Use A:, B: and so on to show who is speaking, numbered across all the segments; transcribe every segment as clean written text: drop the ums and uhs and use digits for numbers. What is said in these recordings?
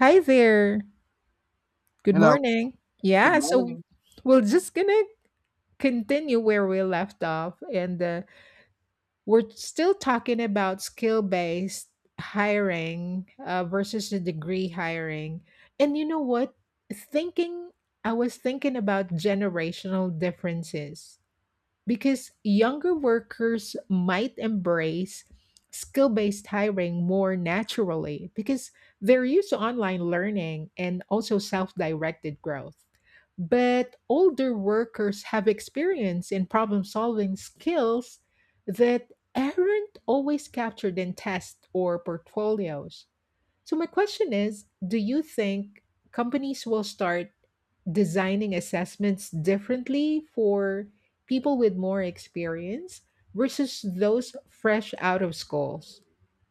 A: Hi there. Good
B: Hello.
A: morning.
B: Good
A: Yeah, so
B: morning.
A: we're just gonna continue where we left off, and we're still talking about skill-based hiring versus the degree hiring. And you know what? Thinking, I was thinking about generational differences because younger workers might embrace skill based hiring more naturally because they're used to online learning and also self directed growth. But older workers have experience in problem solving skills that aren't always captured in tests or portfolios. So, my question is, do you think companies will start designing assessments differently for people with more experience versus those fresh out of schools?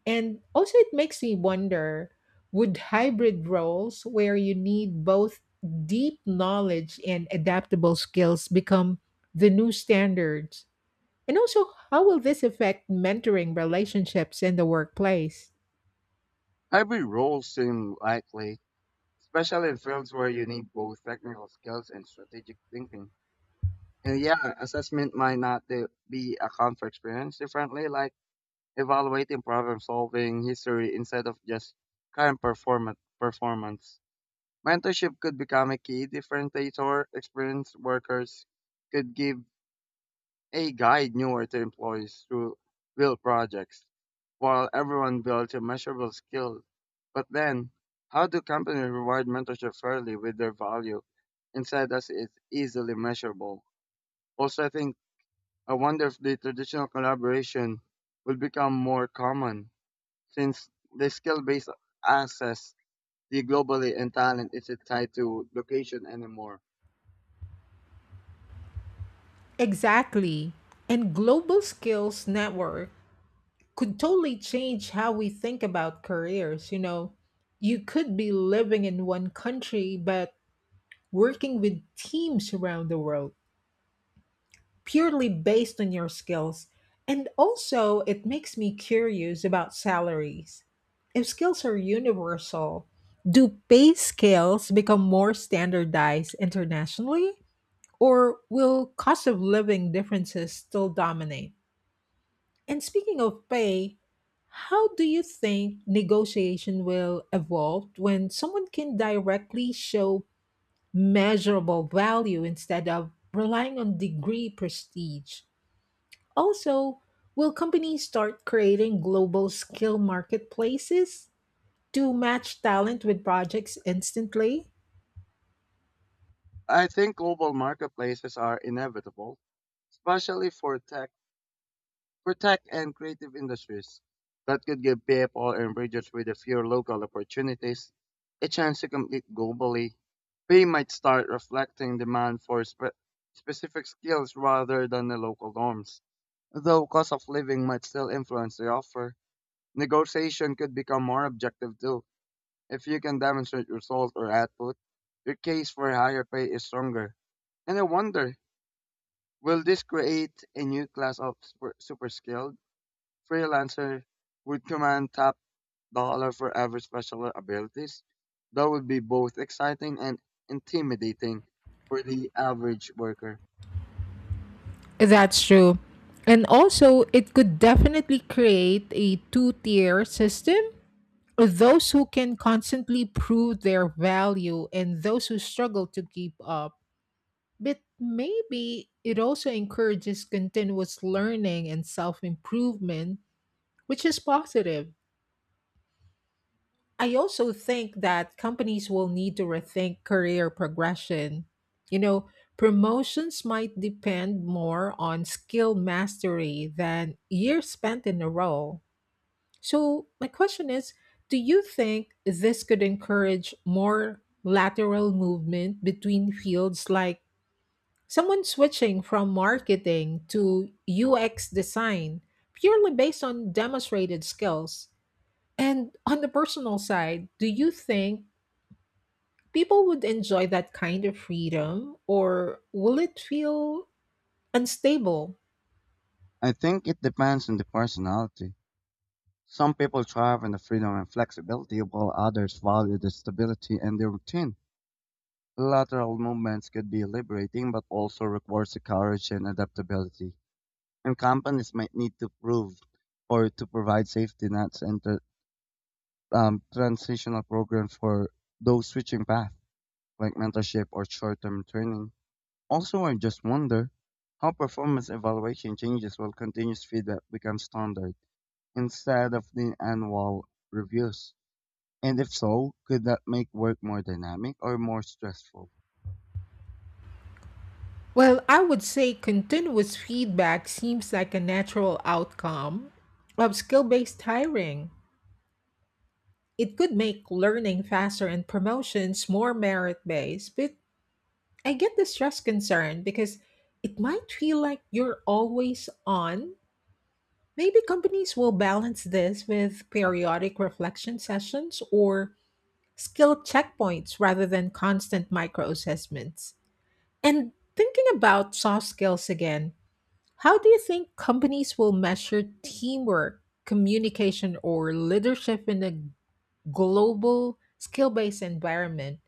A: And also, it makes me wonder, would hybrid roles where you need both deep knowledge and adaptable skills become the new standards? And also, how will this affect mentoring relationships in the workplace?
B: Hybrid roles seem likely, especially in fields where you need both technical skills and strategic thinking. And yeah, assessment might not de- be account for experience differently, like evaluating problem solving history instead of just current performance. Performance mentorship could become a key differentiator. Experienced workers could give a guide newer to employees through build projects, while everyone builds a measurable skill. But then, how do companies reward mentorship fairly with their value instead as it's easily measurable? Also, I wonder if the traditional collaboration will become more common since the skill-based access the globally and talent isn't tied to location anymore.
A: Exactly. And global skills networks could totally change how we think about careers. You know, you could be living in one country, but working with teams around the world purely based on your skills. And also, it makes me curious about salaries. If skills are universal, do pay scales become more standardized internationally, or will cost of living differences still dominate? And speaking of pay, how do you think negotiation will evolve when someone can directly show measurable value instead of relying on degree prestige? Also, will companies start creating global skill marketplaces to match talent with projects instantly?
B: I think global marketplaces are inevitable, especially for tech and creative industries. That could give people and regions with a few local opportunities a chance to compete globally. We might start reflecting demand for specific skills rather than the local norms. Though cost of living might still influence the offer, negotiation could become more objective too. If you can demonstrate result or output, your case for higher pay is stronger. And I wonder, will this create a new class of super skilled freelancer would command top dollar for every special abilities. That would be both exciting and intimidating for the average worker.
A: That's true. And also, it could definitely create a two tier system, those who can constantly prove their value and those who struggle to keep up. But maybe it also encourages continuous learning and self improvement, which is positive. I also think that companies will need to rethink career progression. You know, promotions might depend more on skill mastery than years spent in a role. So, my question is, do you think this could encourage more lateral movement between fields, like someone switching from marketing to UX design purely based on demonstrated skills? And on the personal side, do you think people would enjoy that kind of freedom, or will it feel unstable?
B: I think it depends on the personality. Some people thrive on the freedom and flexibility, while others value the stability and the routine. Lateral movements could be liberating, but also requires the courage and adaptability. And companies might need to prove or to provide safety nets and transitional program for those switching path, like mentorship or short-term training. Also, I just wonder how performance evaluation changes while continuous feedback becomes standard instead of the annual reviews. And if so, could that make work more dynamic or more stressful?
A: Well, I would say continuous feedback seems like a natural outcome of skill based hiring. It could make learning faster and promotions more merit based, but I get the stress concern because it might feel like you're always on. Maybe companies will balance this with periodic reflection sessions or skill checkpoints rather than constant micro assessments. And thinking about soft skills again, how do you think companies will measure teamwork, communication, or leadership in a global skill based environment?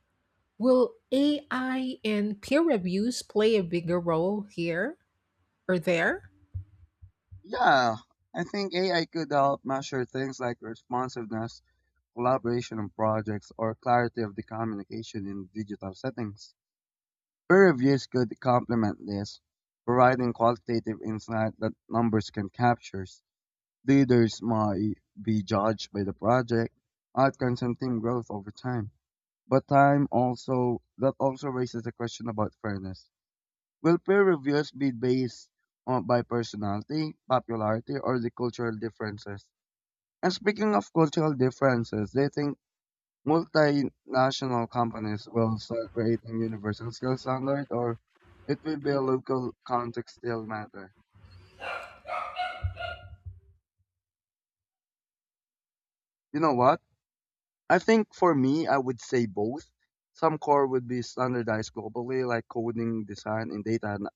A: Will AI and peer reviews play a bigger role here or there?
B: Yeah, I think AI could help measure things like responsiveness, collaboration on projects, or clarity of the communication in digital settings. Peer reviews could complement this, providing qualitative insight that numbers can capture. Leaders might be judged by the project, outcomes and team growth over time. But time also that also raises a question about fairness. Will peer reviews be based on by personality, popularity, or the cultural differences? And speaking of cultural differences, do you think multinational companies will start creating universal skill standard or it will be a local context still matter. You know what? I think for me, I would say both. Some core would be standardized globally, like coding, design, and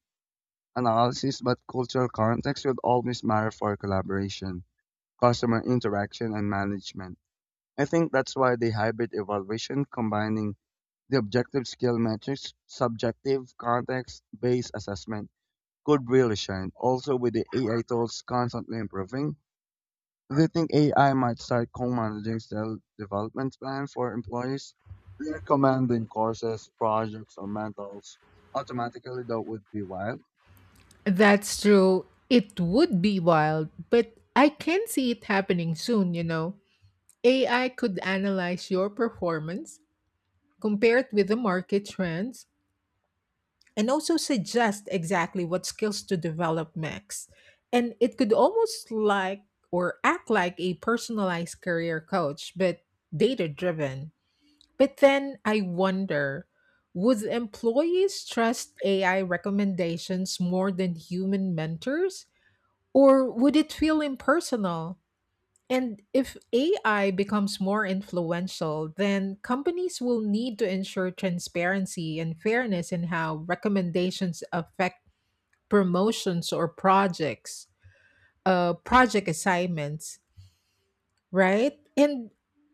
B: analysis, but cultural context would always matter for collaboration, customer interaction, and management. I think that's why the hybrid evaluation combining the objective skill metrics, subjective context based assessment could really shine. Also, with the AI tools constantly improving, do you think AI might start co-managing self development plans for employees, recommending courses, projects, or mentors automatically? That would be wild.
A: That's true. It would be wild, but I can see it happening soon, you know. AI could analyze your performance, compare it with the market trends, and also suggest exactly what skills to develop next. And it could almost like or act like a personalized career coach, but data driven. But then I wonder, would employees trust AI recommendations more than human mentors? Or would it feel impersonal? And if AI becomes more influential, then companies will need to ensure transparency and fairness in how recommendations affect promotions or projects, project assignments, right? And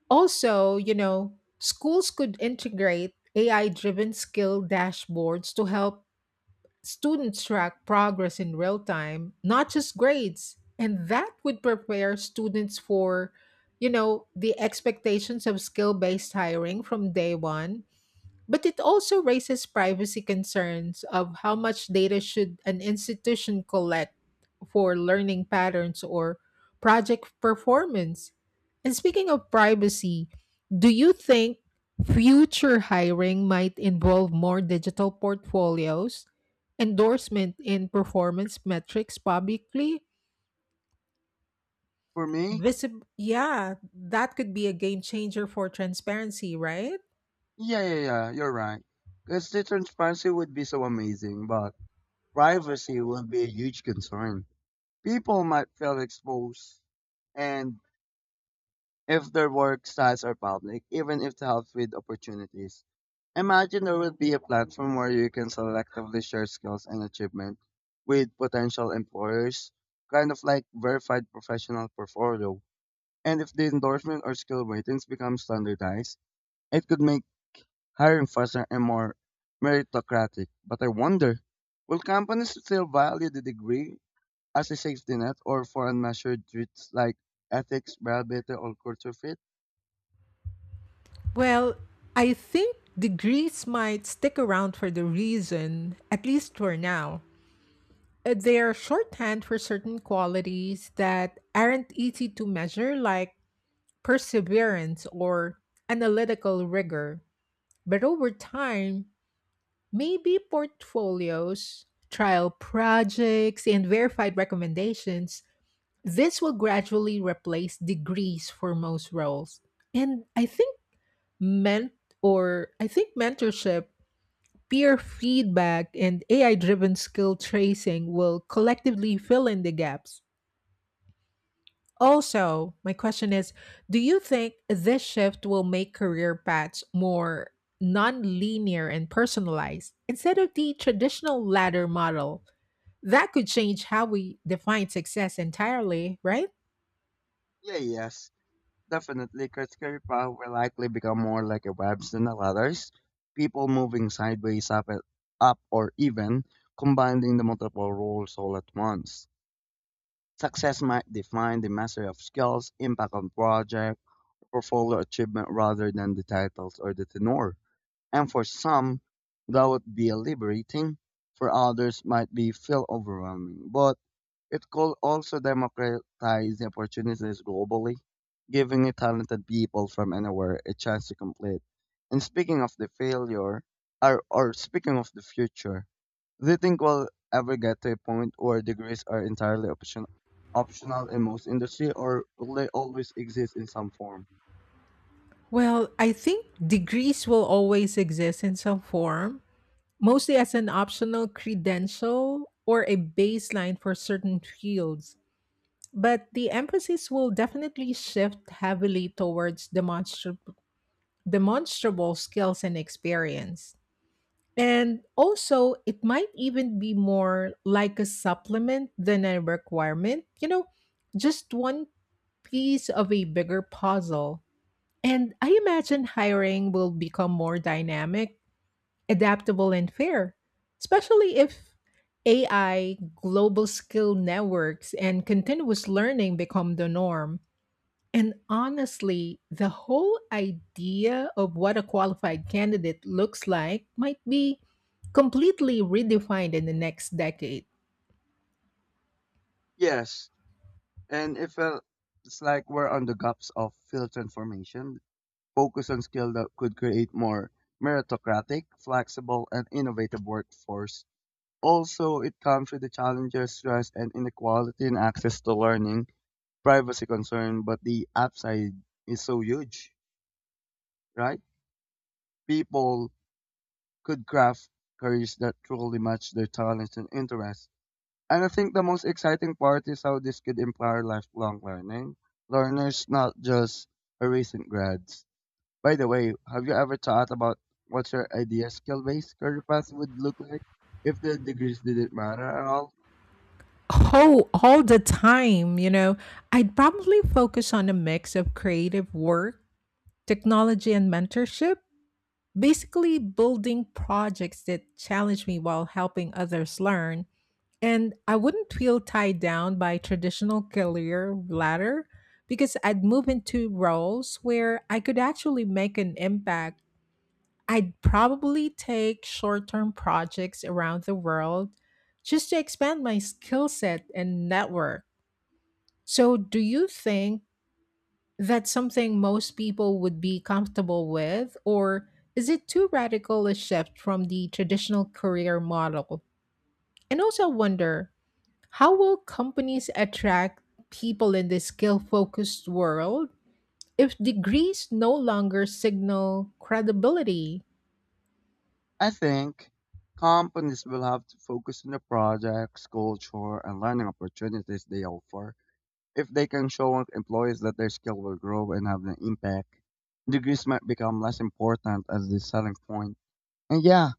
A: also, you know, schools could integrate AI driven skill dashboards to help students track progress in real time, not just grades. And that would prepare students for, you know, the expectations of skill based hiring from day one. But it also raises privacy concerns of how much data should an institution collect for learning patterns or project performance. And speaking of privacy, do you think future hiring might involve more digital portfolios, endorsement in performance metrics publicly?
B: For me,
A: Yeah, that could be a game changer for transparency, right?
B: yeah, yeah, yeah, you're right. Because the transparency would be so amazing, but privacy would be a huge concern. People might feel exposed, and if their work sites are public, even if it helps with opportunities. Imagine there would be a platform where you can selectively share skills and achievement with potential employers, kind of like verified professional portfolio. And if the endorsement or skill ratings become standardized, it could make hiring faster and more meritocratic. But I wonder, will companies still value the degree as a safety net or for unmeasured traits like ethics, reliability, or culture fit?
A: Well, I think degrees might stick around for the reason, at least for now. They are shorthand for certain qualities that aren't easy to measure, like perseverance or analytical rigor. But over time, maybe portfolios, trial projects, and verified recommendations, this will gradually replace degrees for most roles. And meant I think mentorship, peer feedback, and AI driven skill tracing will collectively fill in the gaps. Also, my question is, do you think this shift will make career paths more non linear and personalized instead of the traditional ladder model? That could change how we define success entirely, right?
B: Yeah, yes. Definitely, Skirpa will likely become more like a webs than the ladders. People moving up or even combining the multiple roles all at once. Success might define the mastery of skills, impact on project, portfolio achievement rather than the titles or the tenor. And for some, that would be liberating. For others, might be feel overwhelming. But it could also democratize opportunities globally, giving talented people from anywhere a chance to compete. And speaking of the failure, or speaking of the future, do you think we'll ever get to a point where degrees are optional in most industry, or will they always exist in some form?
A: Well, I think degrees will always exist in some form, mostly as an optional credential or a baseline for certain fields. But the emphasis will definitely shift heavily towards demonstrable skills and experience. And also, it might even be more like a supplement than a requirement, you know, just one piece of a bigger puzzle. And I imagine hiring will become more dynamic, adaptable, and fair, especially if AI, global skill networks, and continuous learning become the norm. And honestly, the whole idea of what a qualified candidate looks like might be completely redefined in the next decade.
B: Yes, and it's like we're on the gaps of field transformation focus on skills that could create more meritocratic, flexible, and innovative workforce. Also, it comes with the challenges, stress, and inequality in access to learning, privacy concern, but the upside is so huge, right? People could craft careers that truly match their talents and interests. And I think the most exciting part is how this could empower lifelong learning. Learners, not just a recent grads. By the way, have you ever thought about what your ideal skill based career path would look like if the degrees didn't matter at all?
A: Oh, all the time. You know, I'd probably focus on a mix of creative work, technology, and mentorship, basically building projects that challenge me while helping others learn. And I wouldn't feel tied down by traditional career ladder because I'd move into roles where I could actually make an impact. I'd probably take short term projects around the world just to expand my skill set and network. So, do you think that's something most people would be comfortable with, or is it too radical a shift from the traditional career model? And also, wonder, how will companies attract people in this skill focused world if degrees no longer signal credibility?
B: I think companies will have to focus on the projects, culture, and learning opportunities they offer. If they can show employees that their skill will grow and have an impact, degrees might become less important as the selling point. And yeah,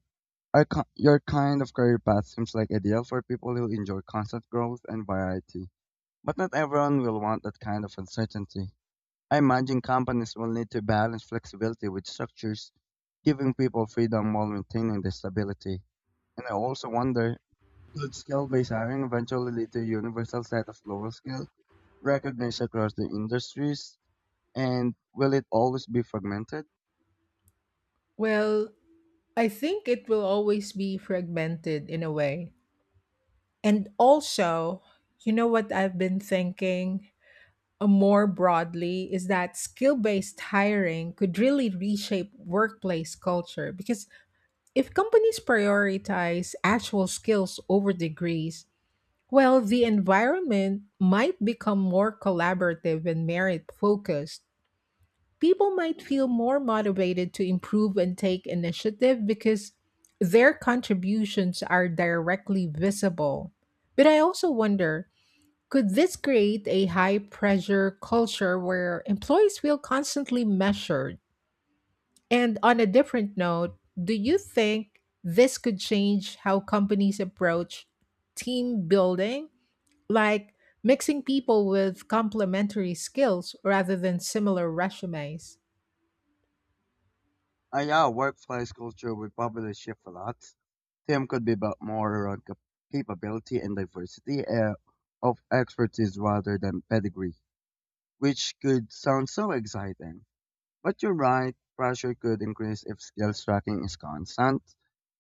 B: your kind of career path seems like ideal for people who enjoy constant growth and variety. But not everyone will want that kind of uncertainty. I imagine companies will need to balance flexibility with structures, giving people freedom while maintaining their stability. And I also wonder could skill based hiring eventually lead to a universal set of global skills recognized across the industries? And will it always be fragmented?
A: Well, I think it will always be fragmented in a way. And also, you know what I've been thinking? More broadly is that skill based hiring could really reshape workplace culture because if companies prioritize actual skills over degrees, well, the environment might become more collaborative and merit focused. People might feel more motivated to improve and take initiative because their contributions are directly visible. But I also wonder, could this create a high pressure culture where employees feel constantly measured? And on a different note, do you think this could change how companies approach team building, like mixing people with complementary skills rather than similar resumes?
B: Ah, yeah, workplace culture will probably shift a lot. Team could be about more around capability and diversity of expertise rather than pedigree, which could sound so exciting. But you're right, pressure could increase if skills tracking is constant.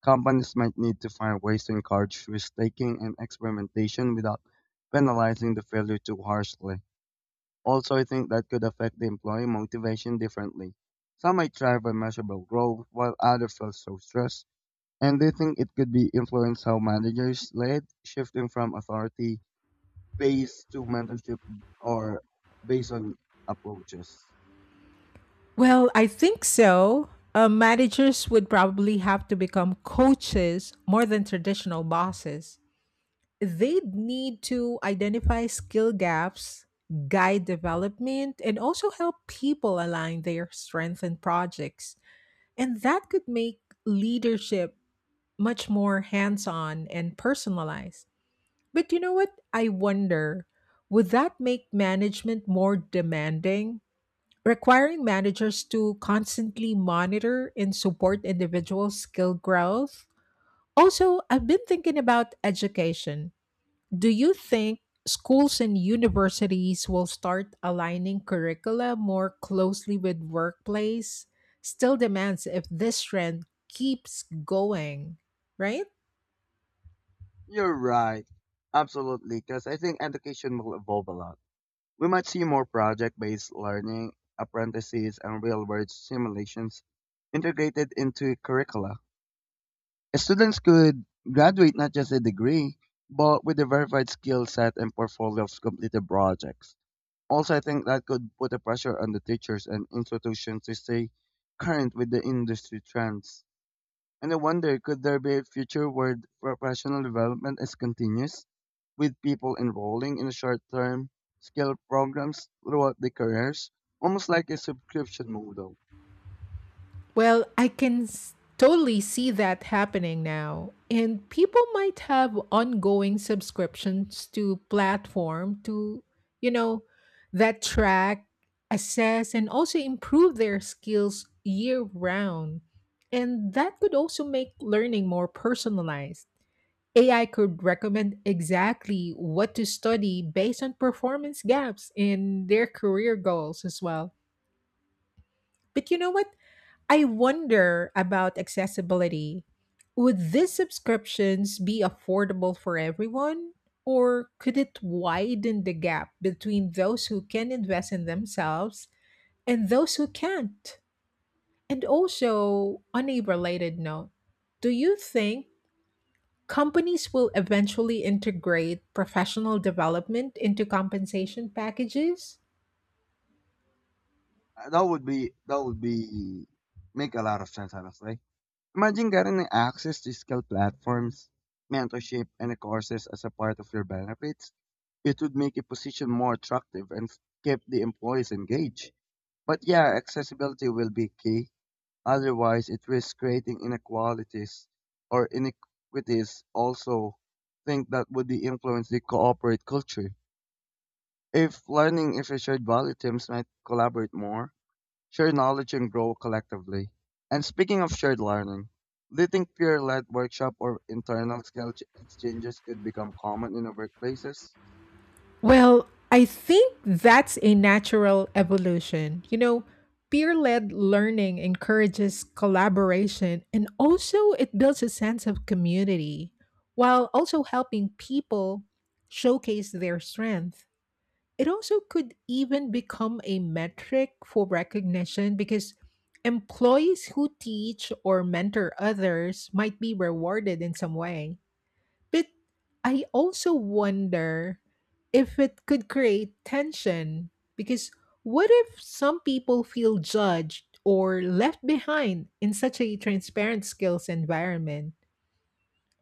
B: Companies might need to find ways to encourage risk taking and experimentation without penalizing the failure too harshly. Also, I think that could affect the employee motivation differently. Some might thrive on measurable growth, while others feel so stressed. And they think it could be influence how managers lead, shifting from authority based to mentorship or based on approaches.
A: Well, I think so. Managers would probably have to become coaches more than traditional bosses. They'd need to identify skill gaps, guide development, and also help people align their strengths and projects. And that could make leadership much more hands on and personalized. But you know what? I wonder, would that make management more demanding? Requiring managers to constantly monitor and support individual skill growth. Also, I've been thinking about education, do you think schools and universities will start aligning curricula more closely with workplace still demands if this trend keeps going, right?
B: You're right. Absolutely. Because I think education will evolve a lot. We might see more project based learning, apprentices, and real world simulations integrated into curricula. Students could graduate not just a degree, but with a verified skill set and portfolio of completed projects. Also, I think that could put a pressure on the teachers and institutions to stay current with the industry trends. And I wonder could there be a future where professional development is continuous, with people enrolling in short term skill programs throughout their careers, almost like a subscription model?
A: Well, totally see that happening now. And people might have ongoing subscriptions to platform to, you know, that track, assess, and also improve their skills year round. And that could also make learning more personalized. AI could recommend exactly what to study based on performance gaps in their career goals as well. But you know what? I wonder about accessibility. Would these subscriptions be affordable for everyone? Or could it widen the gap between those who can invest in themselves and those who can't? And also, on a related note, do you think companies will eventually integrate professional development into compensation packages?
B: That would make a lot of sense, honestly. Imagine getting access to skill platforms, mentorship, and courses as a part of your benefits. It would make a position more attractive and keep the employees engaged. But yeah, accessibility will be key. Otherwise it risks creating inequalities or inequities also think that would influence the cooperate culture. If learning if a shared value teams might collaborate more, share knowledge and grow collectively. And speaking of shared learning, do you think peer-led workshop or internal exchanges could become common in the workplaces?
A: Well, I think that's a natural evolution. You know, peer led learning encourages collaboration and also it builds a sense of community while also helping people showcase their strength. It also could even become a metric for recognition because employees who teach or mentor others might be rewarded in some way. But I also wonder if it could create tension because what if some people feel judged or left behind in such a transparent skills environment?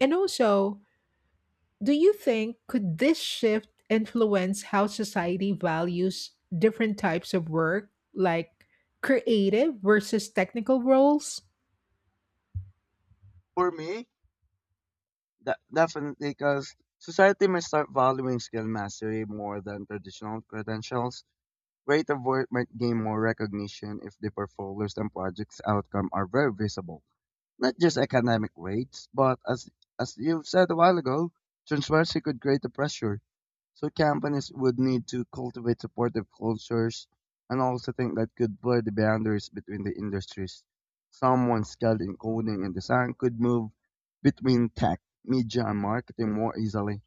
A: And also, do you think, could this shift influence how society values different types of work like creative versus technical roles?
B: For me, that definitely because society may start valuing skill mastery more than traditional credentials. Rate Award might gain more recognition if the portfolio's and project's outcome are very visible. Not just academic grades, but as you said a while ago, transparency could create the pressure. So companies would need to cultivate supportive cultures and also think that could blur the boundaries between the industries. Someone skilled in coding and design could move between tech, media and marketing more easily.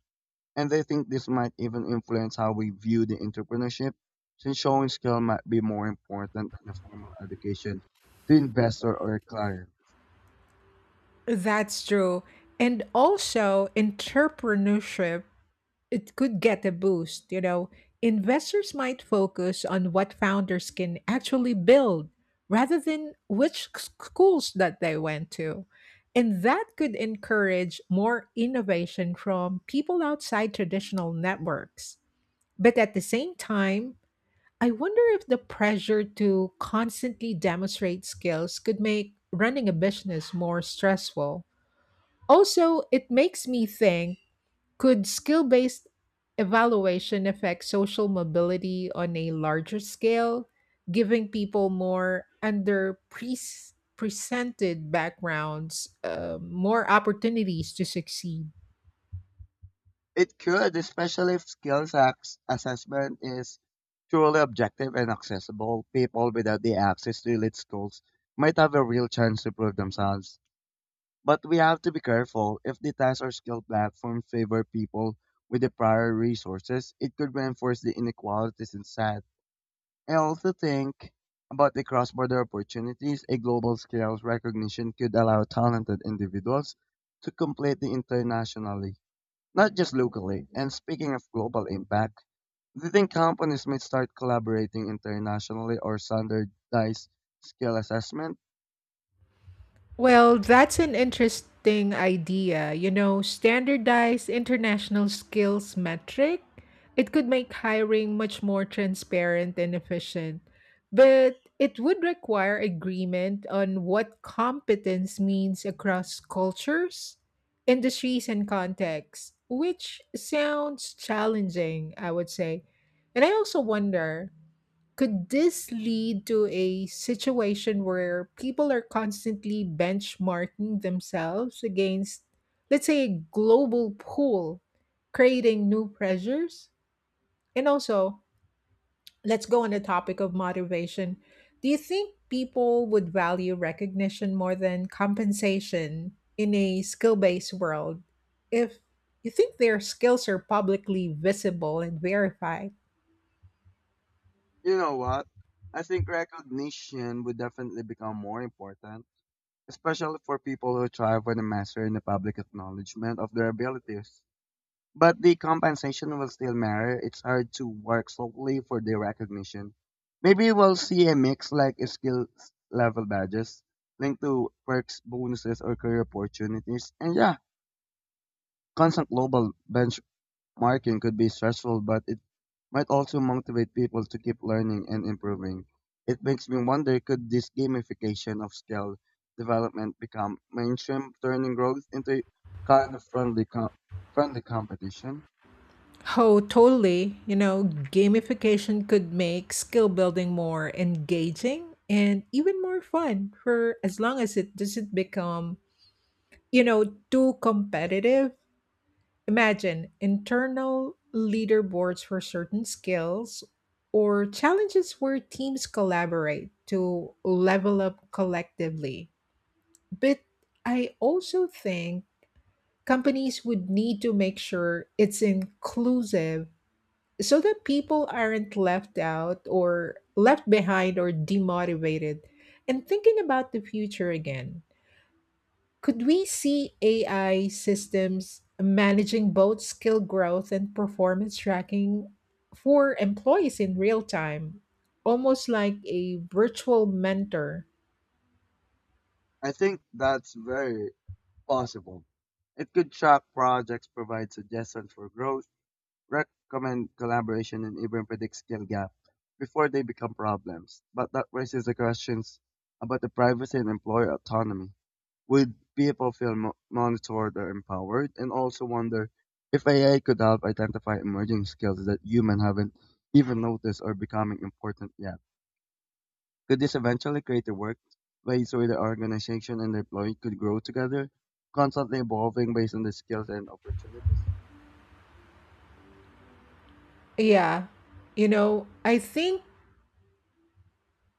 B: And I think this might even influence how we view the entrepreneurship, since showing skill might be more important than a formal education to investor or a client.
A: That's true. And also, entrepreneurship, it could get a boost. You know, investors might focus on what founders can actually build rather than which schools that they went to. And that could encourage more innovation from people outside traditional networks. But at the same time, I wonder if the pressure to constantly demonstrate skills could make running a business more stressful. Also, it makes me think, could skill based evaluation affect social mobility on a larger scale, giving people more under pre presented backgrounds, more opportunities to succeed?
B: It could, especially if skills acts assessment is truly objective and accessible. People without the access to elite schools might have a real chance to prove themselves. But we have to be careful. If the test or skill platform favor people with the prior resources, it could reinforce the inequalities in society. I also think about the cross border opportunities a global scale recognition could allow talented individuals to complete the internationally, not just locally. And speaking of global impact, do you think companies might start collaborating internationally or standardize skill assessment?
A: Well, that's an interesting idea. You know, standardized international skills metric, it could make hiring much more transparent and efficient, but it would require agreement on what competence means across cultures, industries, and contexts, which sounds challenging, I would say. And I also wonder, could this lead to a situation where people are constantly benchmarking themselves against, let's say, a global pool, creating new pressures? And also, let's go on the topic of motivation. Do you think people would value recognition more than compensation in a skill based world if you think their skills are publicly visible and verified?
B: You know what? I think recognition would definitely become more important, especially for people who thrive when a master in the public acknowledgement of their abilities. But the compensation will still matter. It's hard to work solely for the recognition. Maybe we'll see a mix like skill level badges linked to perks, bonuses, or career opportunities. And yeah, constant global benchmarking could be stressful, but it might also motivate people to keep learning and improving. It makes me wonder could this gamification of skill development become mainstream, turning growth into kind of friendly competition?
A: Oh, totally. You know, gamification could make skill building more engaging and even more fun for as long as it doesn't become, you know, too competitive. Imagine internal leaderboards for certain skills or challenges where teams collaborate to level up collectively. But I also think companies would need to make sure it's inclusive so that people aren't left out or left behind or demotivated. And thinking about the future again, could we see AI systems managing both skill growth and performance tracking for employees in real time, almost like a virtual mentor?
B: I think that's very possible. It could track projects, provide suggestions for growth, recommend collaboration, and even predict skill gap before they become problems. But that raises the questions about the privacy and employer autonomy. Would people feel monitored or empowered? And also wonder if AI could help identify emerging skills that humans haven't even noticed or becoming important yet. Could this eventually create a workplace where the organization and the employee could grow together, constantly evolving based on the skills and opportunities?
A: Yeah. You know, I think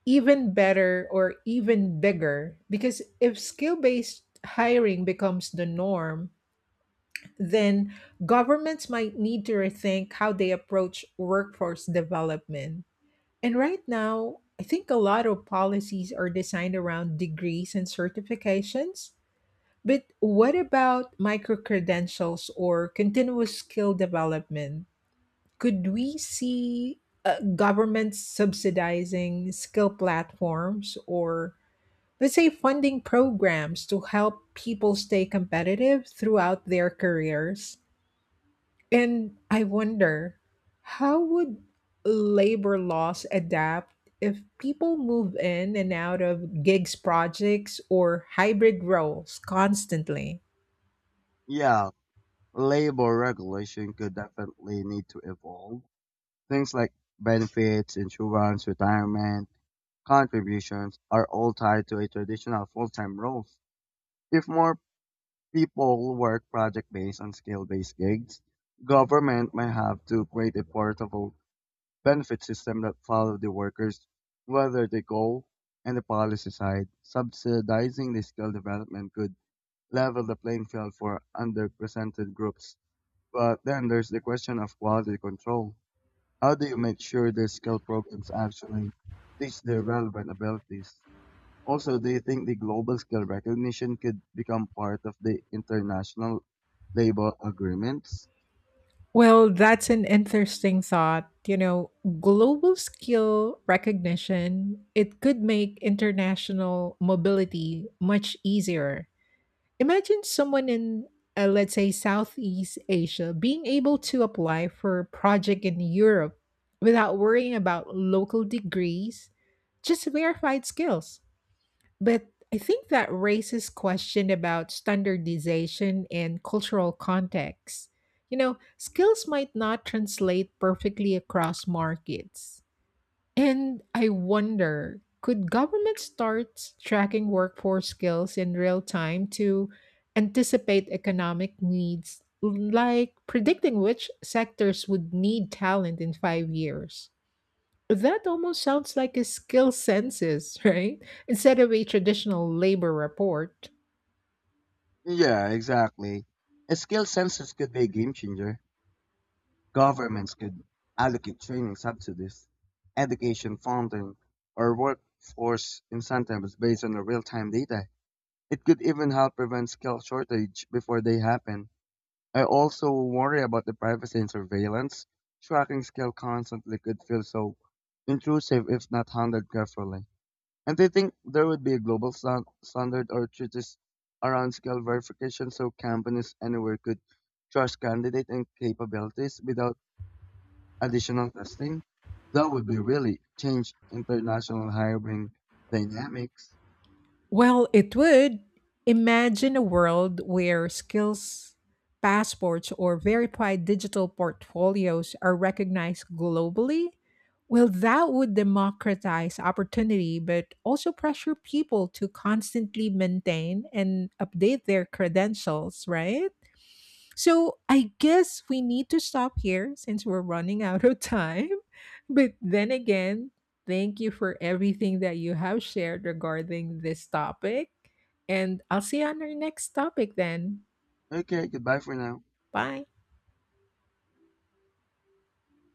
A: even better or even bigger because if skill based hiring becomes the norm, then governments might need to rethink how they approach workforce development. And right now, I think a lot of policies are designed around degrees and certifications. But what about micro credentials or continuous skill development? Could we see governments subsidizing skill platforms or, let's say, funding programs to help people stay competitive throughout their careers? And I wonder, how would labor laws adapt if people move in and out of gigs projects or hybrid roles constantly?
B: Yeah, labor regulation could definitely need to evolve. Things like benefits, insurance, retirement, contributions are all tied to a traditional full-time roles. If more people work project-based and skill-based gigs, government might have to create a portable benefit system that follow the workers, whether they go and the policy side. Subsidizing the skill development could level the playing field for underrepresented groups. But then there's the question of quality control. How do you make sure the skill programs actually teach the relevant abilities? Also, do you think the global skill recognition could become part of the international labor agreements?
A: Well, that's an interesting thought. You know, global skill recognition, it could make international mobility much easier. Imagine someone in, let's say, Southeast Asia being able to apply for a project in Europe without worrying about local degrees, just verified skills. But I think that raises question about standardization and cultural context. You know, skills might not translate perfectly across markets. And I wonder, could government start tracking workforce skills in real time to anticipate economic needs, like predicting which sectors would need talent in 5 years? That almost sounds like a skill census, right? Instead of a traditional labor report.
B: Yeah, exactly. A skill census could be a game changer. Governments could allocate training subsidies, education funding, or workforce incentives based on the real-time data. It could even help prevent skill shortage before they happen. I also worry about the privacy and surveillance. Tracking skill constantly could feel so intrusive if not handled carefully. And I think there would be a global standard or treatise around skill verification so companies anywhere could trust candidate and capabilities without additional testing, that would be really change international hiring dynamics.
A: Well, it would. Imagine a world where skills passports or verified digital portfolios are recognized globally. Well, that would democratize opportunity, but also pressure people to constantly maintain and update their credentials, right? So I guess we need to stop here since we're running out of time. But then again, thank you for everything that you have shared regarding this topic. And I'll see you on our next topic then.
B: Okay, goodbye for now.
A: Bye.